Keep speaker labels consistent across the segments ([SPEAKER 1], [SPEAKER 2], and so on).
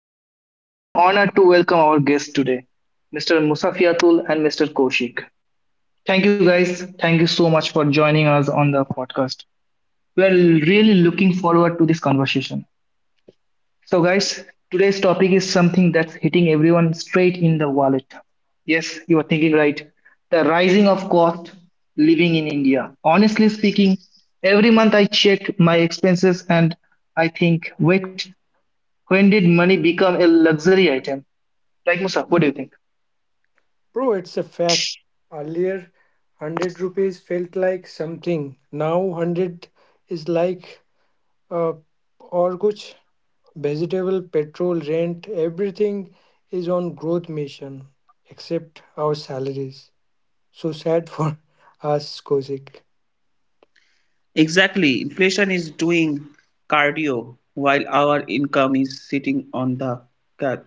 [SPEAKER 1] podcast. It's an honor to welcome our guests today, Mr. Musafiatul and Mr. Koshik. Thank you guys. Thank you so much for joining us on the podcast. We are really looking forward to this conversation. So, guys, today's topic is something that's hitting everyone straight in the wallet. Yes, you are thinking right. The rising of cost living in India. Honestly speaking, every month I check my expenses and I think, wait, when did money become a luxury item? Like Musa, what do you think?
[SPEAKER 2] Bro, it's a fact. Earlier, 100 rupees felt like something. Now, 100 is like uh, और कुछ vegetable, petrol, rent, everything is on growth mission except our salaries. So sad for us, Kosik.
[SPEAKER 3] Exactly. Inflation is doing cardio while our income is sitting on the couch.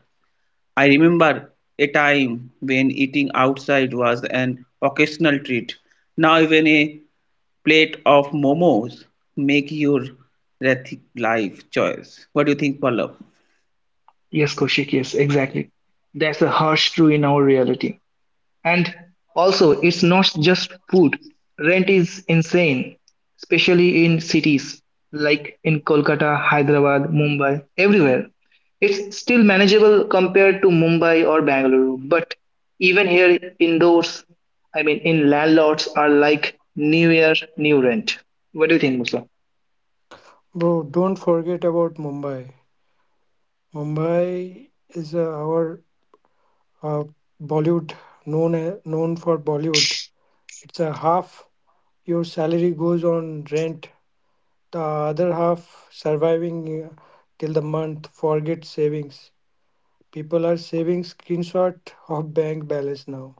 [SPEAKER 3] I remember a time when eating outside was an occasional treat. Now even a plate of momos make your ethic life choice. What do you think, Pallav?
[SPEAKER 1] Yes, Koshik, yes, exactly. That's a harsh truth in our reality. And also, it's not just food. Rent is insane, especially in cities like in Kolkata, Hyderabad, Mumbai, everywhere. It's still manageable compared to Mumbai or Bangalore, but even here indoors, I mean, in landlords are like new year, new rent. What do you think, Musa?
[SPEAKER 2] Bro, don't forget about Mumbai. Mumbai is our uh, Bollywood, known for Bollywood. It's a half your salary goes on rent. The other half surviving till the month, forget savings. People are saving screenshot of bank balance now.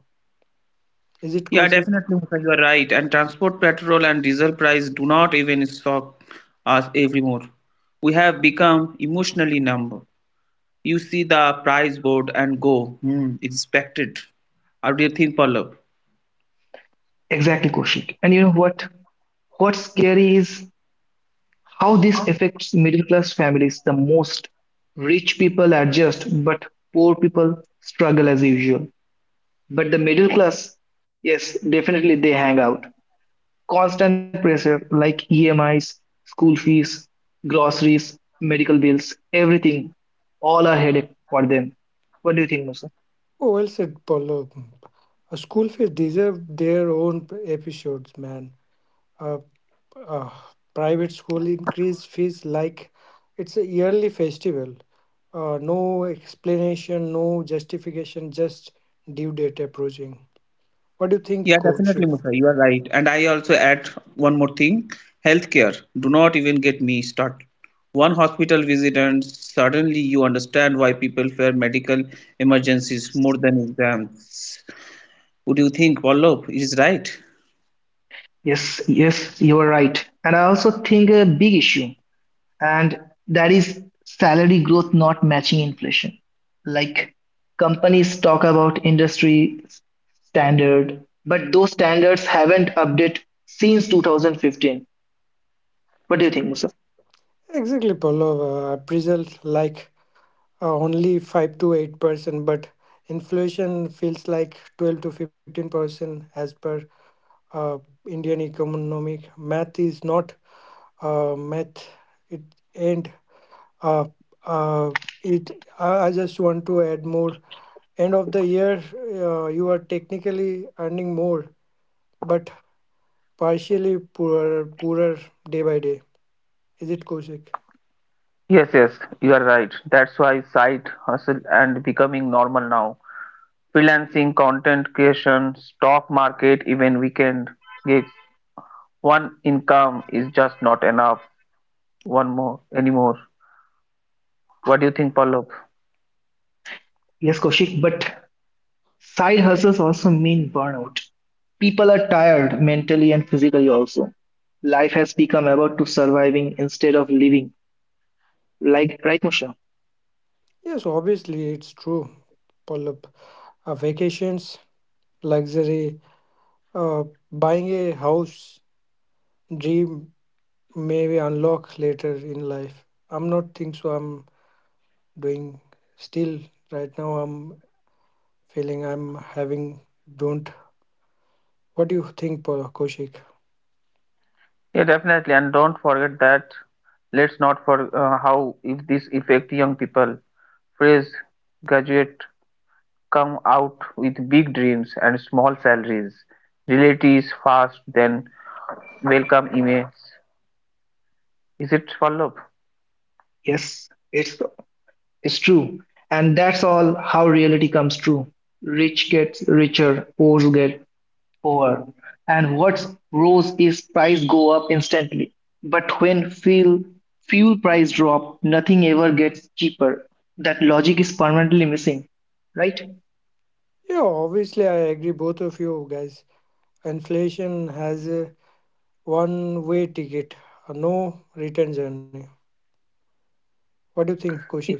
[SPEAKER 2] Is it
[SPEAKER 3] Yeah,
[SPEAKER 2] Kaushik?
[SPEAKER 3] definitely, Musa, you are right. And transport, petrol, and diesel price do not even shock us anymore. We have become emotionally numb. You see the price board and go, hmm, expected. How do you think, Pallav?
[SPEAKER 1] Exactly, Koshik. And you know what? What's scary is how this affects middle class families the most. Rich people adjust, but poor people struggle as usual. But the middle class, yes, definitely they hang out. Constant pressure like EMIs, school fees, groceries, medical bills, everything, all are headache for them. What do you think, Musa?
[SPEAKER 2] Oh, well said, Paulo. A school fees deserve their own episodes, man. A, a private school increase fees like it's a yearly festival. No explanation, no justification, just due date approaching. What do you
[SPEAKER 3] Yeah,
[SPEAKER 2] think,
[SPEAKER 3] definitely,
[SPEAKER 2] Kaushik?
[SPEAKER 3] Musa. You are right. And I also add one more thing. Healthcare. Do not even get me started. One hospital visit and suddenly you understand why people fear medical emergencies more than exams. Would you think, Pallav? It is right.
[SPEAKER 1] Yes, yes, you are right. And I also think a big issue and that is salary growth not matching inflation. Like companies talk about industry standard, but those standards haven't updated since 2015. What do you think, Musa?
[SPEAKER 2] Exactly, Pallav. Appraisal like only 5 to 8%, but inflation feels like 12 to 15% as per uh, Indian economic math is not math. It and uh, uh, it I just want to add more. End of the year, you are technically earning more, but partially poorer day by day. Is it Kosik?
[SPEAKER 3] Yes, yes, you are right. That's why side hustle and becoming normal now. Freelancing, content creation, stock market, even weekend gigs. One income is just not enough. One more anymore. What do you think, Pallav?
[SPEAKER 1] Yes, Koshik, but side hustles also mean burnout. People are tired mentally and physically also. Life has become about to surviving instead of living. Like right, Musha?
[SPEAKER 2] Yes, obviously, it's true, Pull up. Vacations, luxury. Uh, Buying a house, dream, maybe unlock later in life. I'm not think so. I'm doing still right now. I'm feeling I'm having don't. What do you think, Kaushik?
[SPEAKER 3] Yeah, definitely. And don't forget that. Let's not for how if this affect young people. Fresh graduate come out with big dreams and small salaries. Reality is fast, then welcome emails. Is it Pallav?
[SPEAKER 1] Yes, it's true. And that's all how reality comes true. Rich gets richer, poor get poorer. And what rose is price go up instantly. But when fuel price drop, nothing ever gets cheaper. That logic is permanently missing, right?
[SPEAKER 2] Yeah, obviously, I agree. Both of you guys. Inflation has a one-way ticket, a no return journey. What do you think, Kaushik?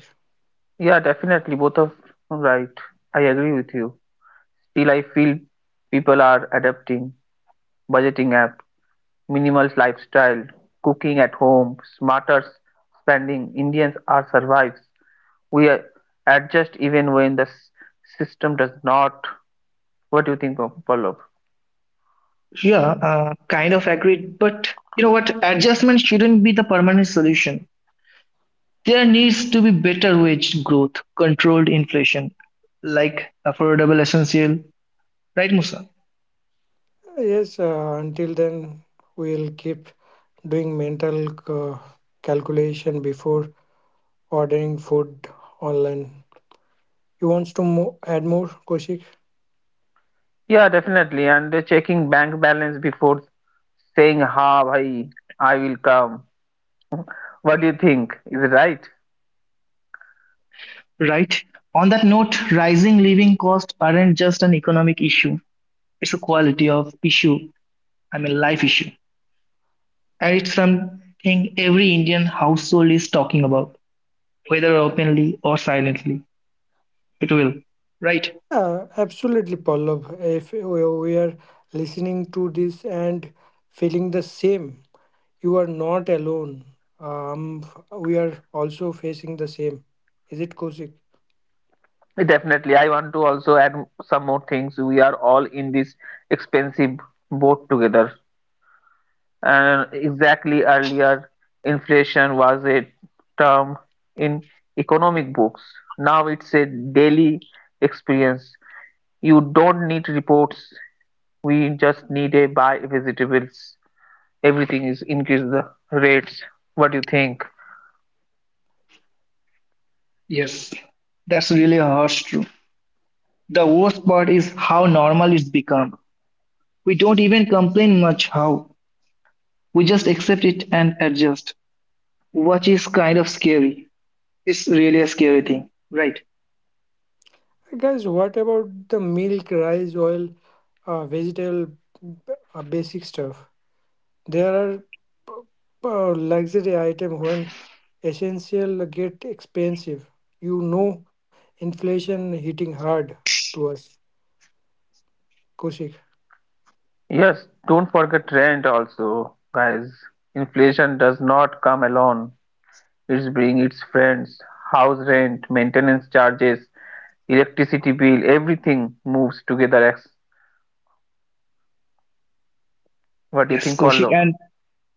[SPEAKER 3] Yeah, definitely. Both of right. I agree with you. Still, I feel people are adapting budgeting app, minimalist lifestyle, cooking at home, smarter spending. Indians are survives. We are- adjust even when the system does not. What do you think, Pallav?
[SPEAKER 1] Yeah, kind of agreed. But you know what? Adjustment shouldn't be the permanent solution. There needs to be better wage growth, controlled inflation, like affordable essential, right, Musa?
[SPEAKER 2] Yes. Until then, we'll keep doing mental calculation before ordering food online. You want to add more, Koshik?
[SPEAKER 3] Yeah, definitely. And they're checking bank balance before saying, "Ha, bhai, I will come." What do you think? Is it right?
[SPEAKER 1] Right? On that note, rising living costs aren't just an economic issue, it's a quality of issue, I mean, life issue. And it's something every Indian household is talking about, whether openly or silently. It will. Right?
[SPEAKER 2] Yeah, absolutely, Pallav. If we are listening to this and feeling the same, you are not alone. Um, we are also facing the same. Is it Koshik?
[SPEAKER 3] Definitely, I want to also add some more things. We are all in this expensive boat together. And earlier, inflation was a term in economic books. Now it's a daily experience. You don't need reports. We just need a buy vegetables. Everything is increase the rates. What do you think?
[SPEAKER 1] Yes. That's really harsh truth. The worst part is how normal it's become. We don't even complain much how. We just accept it and adjust, which is kind of scary. It's really a scary thing. Right.
[SPEAKER 2] Guys, what about the milk, rice, oil, vegetable, basic stuff? There are luxury item when essential get expensive. You know, inflation hitting hard to us, Kushik.
[SPEAKER 3] Yes, don't forget rent also, guys. Inflation does not come alone. It's bring its friends, house rent, maintenance charges, electricity bill, everything moves together. What do you
[SPEAKER 1] Yes,
[SPEAKER 3] think,
[SPEAKER 1] Koshik.
[SPEAKER 3] Pallav?
[SPEAKER 1] And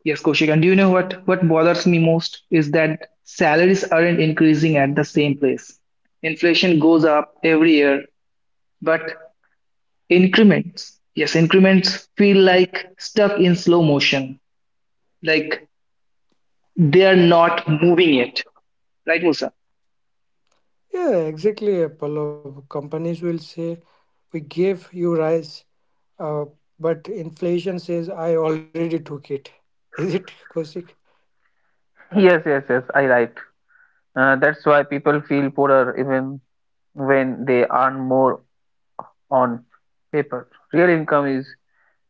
[SPEAKER 1] yes, Kaushik. And do you know what bothers me most is that salaries aren't increasing at the same place. Inflation goes up every year, but increments, yes, increments feel like stuck in slow motion, like they are not moving yet. Right, Musa?
[SPEAKER 2] Yeah, exactly. A couple of companies will say we gave you rise, uh, but inflation says I already took it. Is it Kosik?
[SPEAKER 3] Yes, yes, yes, I right. That's why people feel poorer even when they earn more on paper. Real income is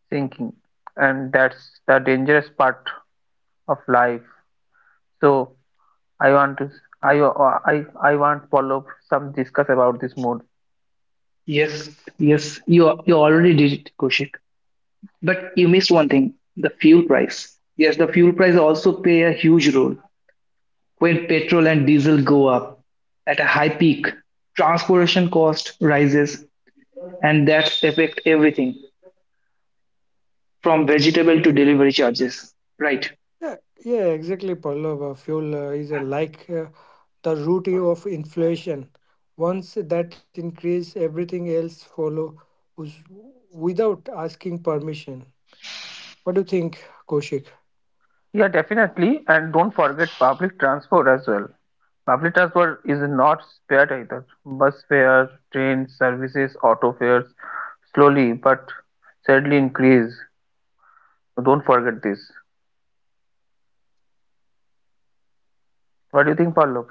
[SPEAKER 3] sinking, and that's the dangerous part of life. So I want to, I, I want Pallav some discuss about this more.
[SPEAKER 1] Yes, yes, you already did it, Kaushik. But you missed one thing, the fuel price. Yes, the fuel price also play a huge role. When petrol and diesel go up at a high peak, transportation cost rises and that affects everything from vegetable to delivery charges. Right.
[SPEAKER 2] Yeah, yeah, exactly, Pallav. Fuel is a, like, the root of inflation. Once that increase, everything else follows without asking permission. What do you think, Koshik?
[SPEAKER 3] Yeah, definitely. And don't forget public transport as well. Public transport is not spared either. Bus fare, train services, auto fares slowly but steadily increase. So don't forget this. What do you think, Pallab?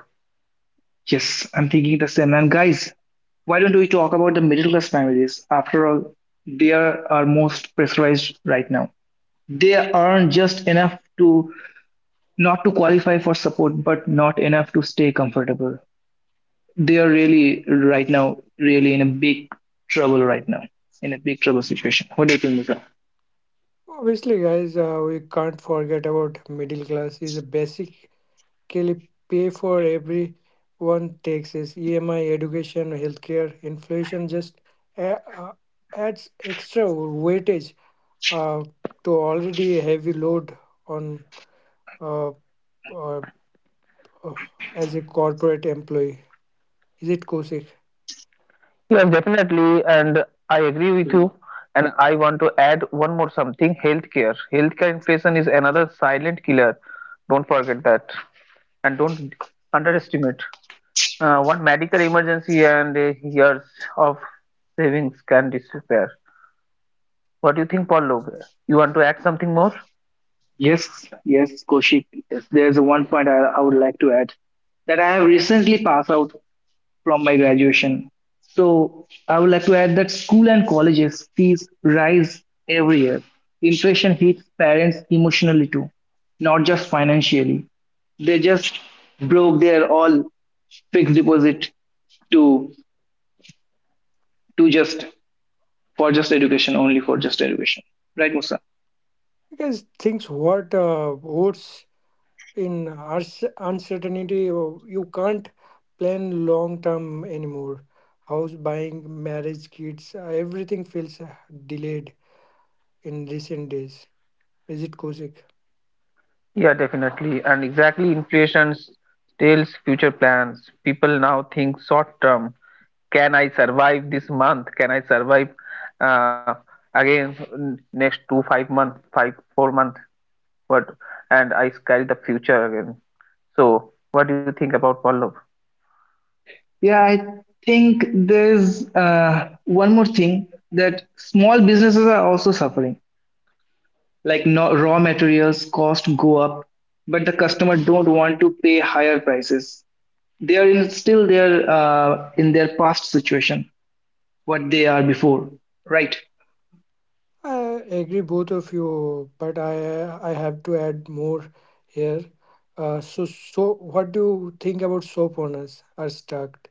[SPEAKER 1] Yes, I'm thinking the same. And guys, why don't we talk about the middle class families? After all, they are most pressurized right now. They earn just enough to not to qualify for support, but not enough to stay comfortable. They are really right now really in a big trouble right now in a big trouble situation. What do you think, Musa?
[SPEAKER 2] Obviously, guys, we can't forget about middle class is a basically pay for everyone: taxes, EMI, education, healthcare. Inflation just a- uh, adds extra weightage uh, to already heavy load on uh, uh, Oh, as a corporate employee. Is it Kaushik?
[SPEAKER 3] Yes, definitely, and I agree with you. And I want to add one more something, healthcare. Healthcare inflation is another silent killer. Don't forget that. And don't underestimate. One medical emergency and years of savings can disappear. What do you think, Paul Logue? You want to add something more?
[SPEAKER 1] Yes, yes, Koshik, yes. There's one point I would like to add that I have recently passed out from my graduation, so I would like to add that school and colleges fees rise every year. Inflation hits parents emotionally too, not just financially. They just broke their all fixed deposit to to just for just education, only for just education. Right, Musa?
[SPEAKER 2] Because things what's in uncertainty, you can't plan long term anymore. House buying, marriage, kids, everything feels delayed in recent days. Is it Kaushik?
[SPEAKER 3] Yeah, definitely. And exactly, inflation steals future plans. People now think short term. Can I survive this month? Can I survive uh, again next two, 5 months, five, 4 months? What? And I sky the future again. So, what do you think about Paul Logue?
[SPEAKER 1] Yeah, I think there's one more thing that small businesses are also suffering. Like no, raw materials cost go up, but the customer don't want to pay higher prices. They are in, still there in their past situation, what they are before. Right,
[SPEAKER 2] I agree, both of you, but I have to add more here. So what do you think about soap owners are stuck: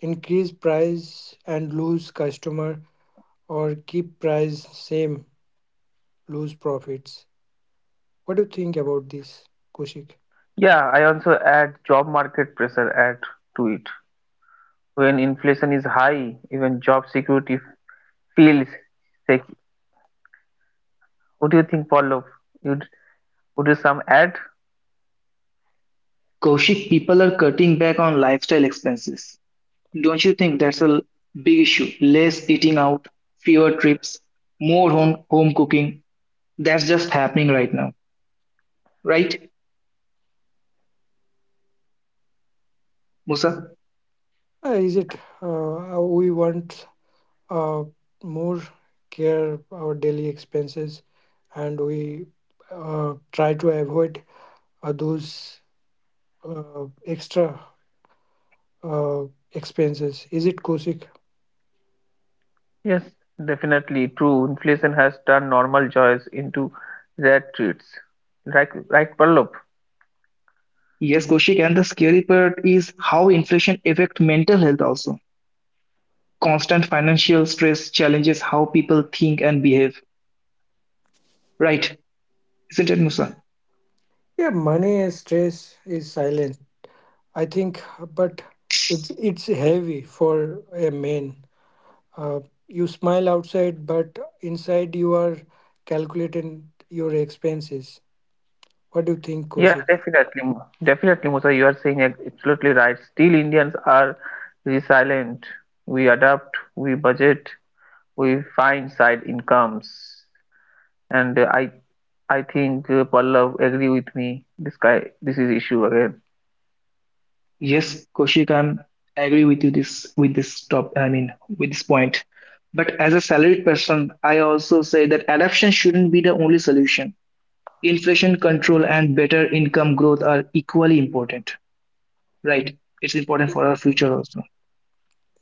[SPEAKER 2] increase price and lose customer, or keep price same, lose profits? What do you think about this, kushik?
[SPEAKER 3] Yeah, I also add job market pressure add to it when inflation is high, even job security feels shaky. What do you think, Pallav? Would would you some add?
[SPEAKER 1] Kaushik, people are cutting back on lifestyle expenses. Don't you think that's a big issue? Less eating out, fewer trips, more home cooking. That's just happening right now, right, Musa?
[SPEAKER 2] Is it we want uh, more care our daily expenses, and we uh, try to avoid those uh, extra uh, expenses? Is it kushik?
[SPEAKER 3] Yes, definitely true. Inflation has turned normal joys into rare treats. Right, right, Pallav.
[SPEAKER 1] Yes, Koshik, and the scary part is how inflation affects mental health also. Constant financial stress challenges how people think and behave, right? Isn't it, Musa?
[SPEAKER 2] Yeah, money and stress is silent, I think. But it's heavy for a man. Uh, you smile outside, but inside you are calculating your expenses. What do you think,
[SPEAKER 3] Yeah,
[SPEAKER 2] Koshik?
[SPEAKER 3] definitely, definitely, Musa. You are saying absolutely right. Still, Indians are resilient. We adapt, we budget, we find side incomes. And I think Pallav agree with me. This guy, this is issue again.
[SPEAKER 1] Yes, Koshik, I agree with you this with this top. I mean, with this point. But as a salaried person, I also say that adaptation shouldn't be the only solution. Inflation control and better income growth are equally important, right? It's important for our future also.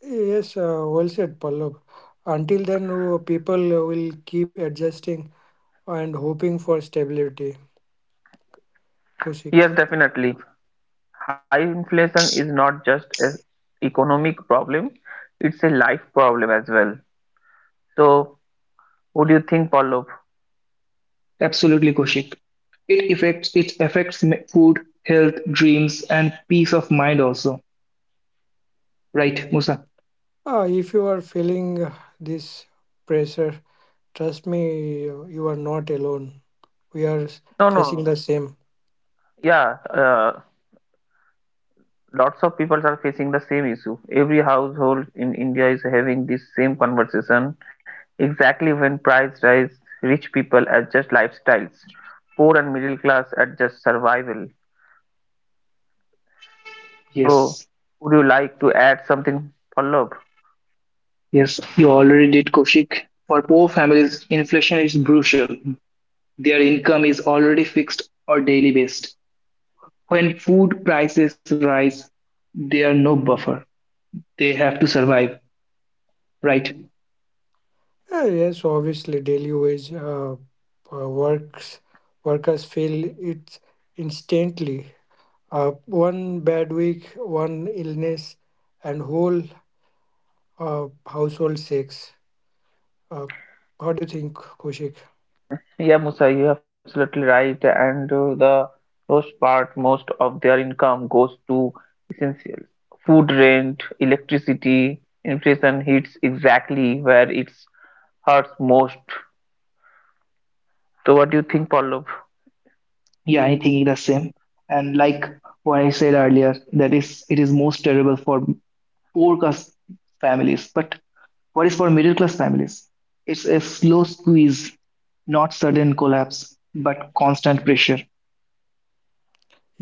[SPEAKER 2] Yes, well said, Pallab. Until then, people will keep adjusting and hoping for stability, Koshik.
[SPEAKER 3] Yes, definitely. High inflation is not just an economic problem; it's a life problem as well. So, what do you think, Pallav?
[SPEAKER 1] Absolutely, Koshik. It affects food, health, dreams and peace of mind also, right, Musa?
[SPEAKER 2] If you are feeling this pressure, trust me, you are not alone. We are
[SPEAKER 3] No, no,
[SPEAKER 2] facing
[SPEAKER 3] no.
[SPEAKER 2] the same.
[SPEAKER 3] Yeah, lots of people are facing the same issue. Every household in India is having this same conversation. Exactly when price rise, rich people adjust lifestyles, poor and middle class adjust survival. So,
[SPEAKER 1] Yes,
[SPEAKER 3] would you like to add something, Pallab?
[SPEAKER 1] yes, you already did, Koshik. For poor families inflation is brutal. Their income is already fixed or daily based. When food prices rise, they are no buffer. They have to survive, right?
[SPEAKER 2] Yes, obviously, daily wage works workers feel it instantly. One bad week, one illness, and whole household shakes. Uh, what do you think, Koshik?
[SPEAKER 3] Yeah, Musa, you're absolutely right. And the most part, most of their income goes to essentials. Food rent, electricity, inflation hits exactly where it hurts most. So, what do you think, Pallab?
[SPEAKER 1] Yeah, I'm thinking the same. And like what I said earlier, that is it is most terrible for poor class families. But what is for middle class families? It's a slow squeeze, not sudden collapse, but constant pressure.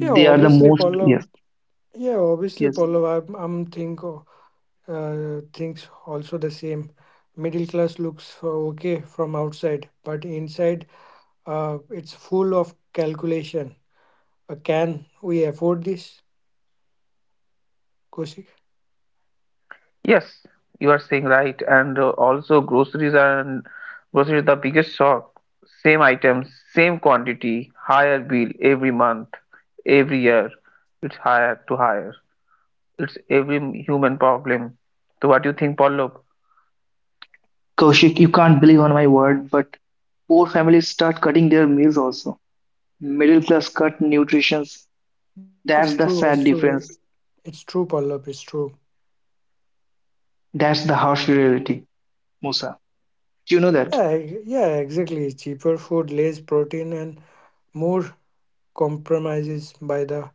[SPEAKER 2] Yeah,
[SPEAKER 1] are the
[SPEAKER 2] obviously,
[SPEAKER 1] most
[SPEAKER 2] Pallav.
[SPEAKER 1] yes,
[SPEAKER 2] Yeah, obviously,
[SPEAKER 1] yes.
[SPEAKER 2] Pallav. I'm thinks also the same. Middle class looks okay from outside, but inside, it's full of calculation. But can we afford this, Kosi?
[SPEAKER 3] Yes, you are saying right, and also groceries and groceries the biggest shock. Same item, same quantity, higher bill every month, every year. It's higher to higher. It's every human problem. So what do you think, Pallav?
[SPEAKER 1] Kaushik, you can't believe on my word, but poor families start cutting their meals also. Middle class cut nutritions. That's the
[SPEAKER 2] It's
[SPEAKER 1] sad
[SPEAKER 2] true. It's
[SPEAKER 1] difference.
[SPEAKER 2] true. It's true, Pallab. It's true.
[SPEAKER 1] That's the harsh reality, Musa. Do you know that?
[SPEAKER 2] Yeah, yeah, exactly. Cheaper food, less protein, and more compromises by the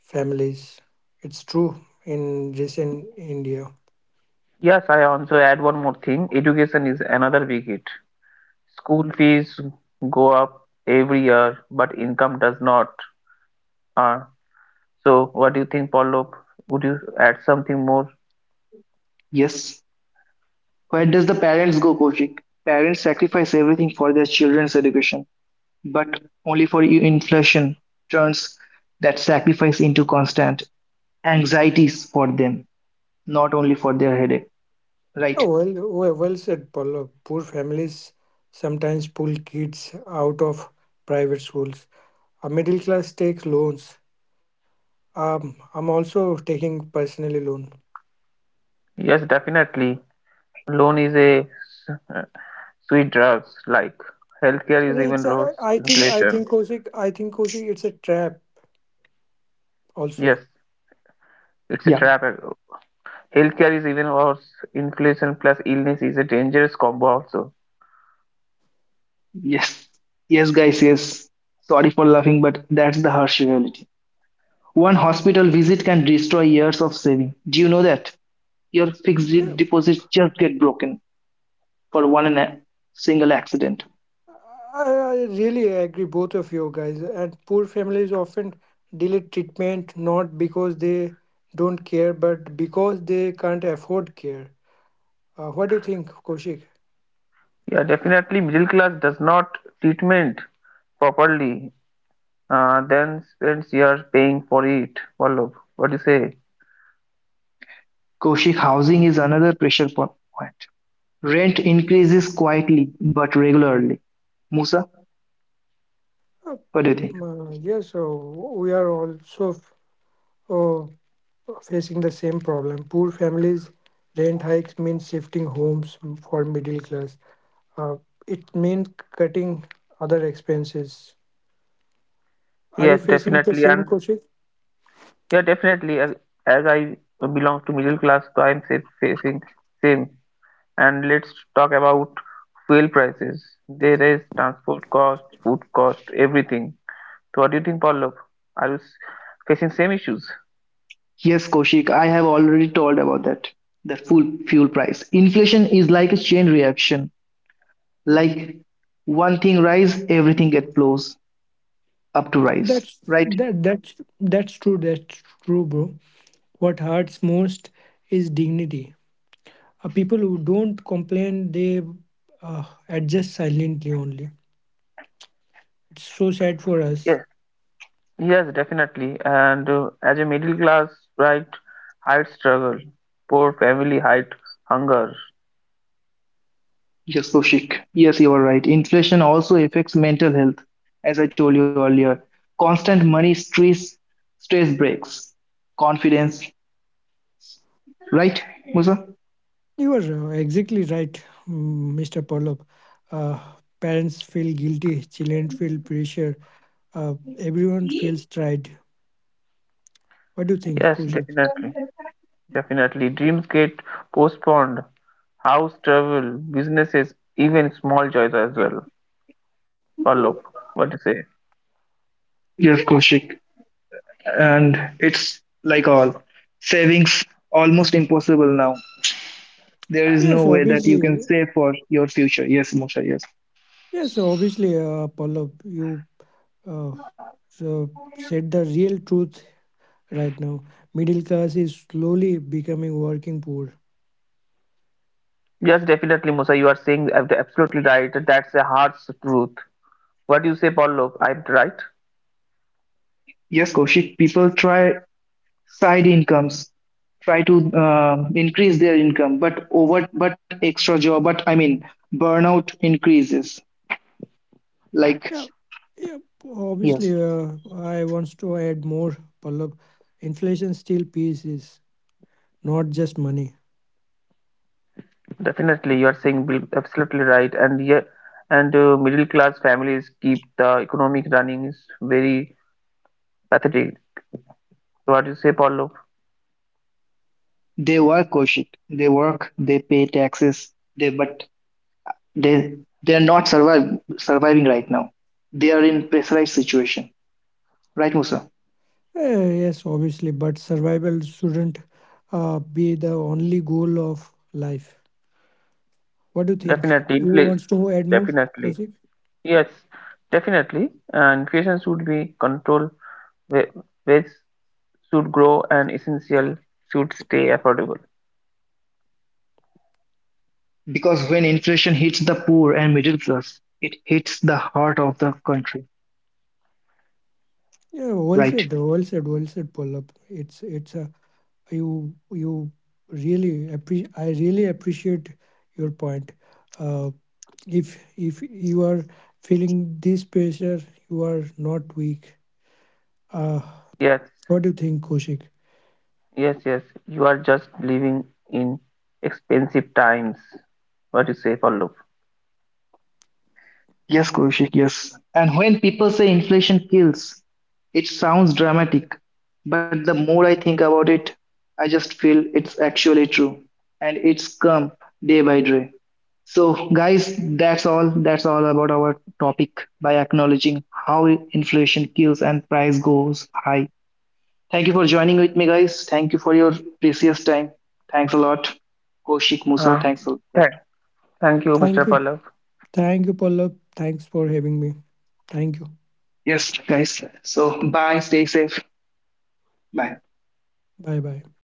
[SPEAKER 2] families. It's true in India.
[SPEAKER 3] Yes, I also add one more thing. Education is another big hit. School fees go up every year, but income does not. Uh, so what do you think, Pallav? Would you add something more?
[SPEAKER 1] Yes. Where does the parents go, Koshik? Parents sacrifice everything for their children's education, but only for you inflation turns that sacrifice into constant anxieties for them, not only for their headache.
[SPEAKER 2] Oh,
[SPEAKER 1] Right?
[SPEAKER 2] well, well, well said, Pallab. Poor families sometimes pull kids out of private schools. A middle class takes loans. I'm also taking personally loan.
[SPEAKER 3] Yes, definitely. Loan is a s- sweet drugs like healthcare is
[SPEAKER 2] Okay,
[SPEAKER 3] even worse
[SPEAKER 2] I think I
[SPEAKER 3] inflation.
[SPEAKER 2] think Kosik, I think Kosik, it's a trap
[SPEAKER 3] Yes,
[SPEAKER 2] also.
[SPEAKER 1] Yeah.
[SPEAKER 3] it's a trap. Healthcare is even worse. Inflation plus illness is a dangerous combo also.
[SPEAKER 1] Yes. Yes, guys, yes. Sorry for laughing, but that's the harsh reality. One hospital visit can destroy years of saving. Do you know that? Your fixed
[SPEAKER 2] Yeah,
[SPEAKER 1] deposits just get broken for one in a single accident.
[SPEAKER 2] I really agree, both of you guys. And poor families often delay treatment not because they don't care, but because they can't afford care. What do you think, Kosik?
[SPEAKER 3] Yeah, definitely middle class does not treatment properly, then spends years paying for it. Vallabh, what do you say?
[SPEAKER 1] Koshik, housing is another pressure po- point. Rent increases quietly but regularly. Musa,
[SPEAKER 2] Uh,
[SPEAKER 1] what do you think?
[SPEAKER 2] yes, so we are also uh, facing the same problem. Poor families, rent hikes mean shifting homes for middle class. Uh, it means cutting other expenses. Are you
[SPEAKER 3] Yes,
[SPEAKER 2] facing the
[SPEAKER 3] definitely.
[SPEAKER 2] same,
[SPEAKER 3] And
[SPEAKER 2] Kaushik?
[SPEAKER 3] yeah, definitely. As I belong to middle class, so I'm facing same. And let's talk about fuel prices. They raise transport cost, food cost, everything. So what do you think, Pallav? Are you facing same issues?
[SPEAKER 1] Yes, Koshik, I have already told about that. The full fuel price. Inflation is like a chain reaction. Like one thing rise, everything gets flows up to rise.
[SPEAKER 2] That's
[SPEAKER 1] Right?
[SPEAKER 2] that that's that's true. That's true, bro. What hurts most is dignity. People who don't complain, they adjust silently only. It's so sad for
[SPEAKER 3] Yes,
[SPEAKER 2] us.
[SPEAKER 3] yes, definitely. And as a middle class, right, height struggle, poor family, height hunger.
[SPEAKER 1] Yes, Koshik. Yes, you are right. Inflation also affects mental health, as I told you earlier. Constant money stress breaks confidence. Right, Musa?
[SPEAKER 2] You are exactly right, Mr. Pallab. Uh, parents feel guilty, children feel pressure, everyone feels tried. What do you
[SPEAKER 3] Yes,
[SPEAKER 2] think, Kushal?
[SPEAKER 3] definitely, definitely. Dreams get postponed. House travel, businesses, even small joys as well. Pallav, what do you say?
[SPEAKER 1] Yes, Koshik, and it's like all savings almost impossible now. There is no way
[SPEAKER 2] Yes,
[SPEAKER 1] that you can save
[SPEAKER 2] obviously.
[SPEAKER 1] for your future. Yes, Moshe. Yes,
[SPEAKER 2] Yes, obviously, Pallab, you uh, so said the real truth right now. Middle class is slowly becoming working poor.
[SPEAKER 3] Yes, definitely, Musa. You are saying absolutely right. That's a harsh truth. What do you say, Paulo? I'm right.
[SPEAKER 1] yes, Kaushik. People try side incomes, try to increase their income, but over, but extra job. But I mean, burnout increases. Like
[SPEAKER 2] Yeah, yeah.
[SPEAKER 1] yes,
[SPEAKER 2] Obviously, I wants to add more. Pallab, inflation still pieces, not just money.
[SPEAKER 3] Definitely, you are saying absolutely right. And yeah, and middle class families keep the economic running is very pathetic. What do you say, Paulo?
[SPEAKER 1] they work, Kaushik. They work. They pay taxes. They but they are not survive, surviving right now. They are in pressurized situation. Right, Musa?
[SPEAKER 2] Yes, obviously, but survival shouldn't be the only goal of life. What do you
[SPEAKER 3] Definitely,
[SPEAKER 2] think? Who
[SPEAKER 3] inflation.
[SPEAKER 2] wants to add more,
[SPEAKER 3] Definitely,
[SPEAKER 2] Kosik?
[SPEAKER 3] yes, definitely. Inflation should be controlled. wa- Wages should grow, and essential should stay affordable.
[SPEAKER 1] Because when inflation hits the poor and middle class, it hits the heart of the country,
[SPEAKER 2] Yeah, well
[SPEAKER 1] right?
[SPEAKER 2] said, well said, well said, Pallab. It's a you you really appre- I really appreciate your point. Uh, if you are feeling this pressure, you are not weak. Uh,
[SPEAKER 3] Yes.
[SPEAKER 2] what do you think, Kosik?
[SPEAKER 3] Yes, yes, you are just living in expensive times. What you say, Pallav?
[SPEAKER 1] Yes, Kaushik, yes. And when people say inflation kills, it sounds dramatic, but the more I think about it, I just feel it's actually true. And it's come day by day. So, guys, that's all. That's all about our topic by acknowledging how inflation kills and price goes high. Thank you for joining with me, guys. Thank you for your precious time. Thanks a lot. Koshik Musa,
[SPEAKER 3] Uh,
[SPEAKER 1] thanks a lot.
[SPEAKER 3] th- Thank you, Mr.
[SPEAKER 2] Thank
[SPEAKER 3] Pallav.
[SPEAKER 2] you, thank you, Pallab. Thanks for having me. Thank you.
[SPEAKER 1] Yes, guys. So, bye. Stay safe. Bye.
[SPEAKER 2] Bye bye.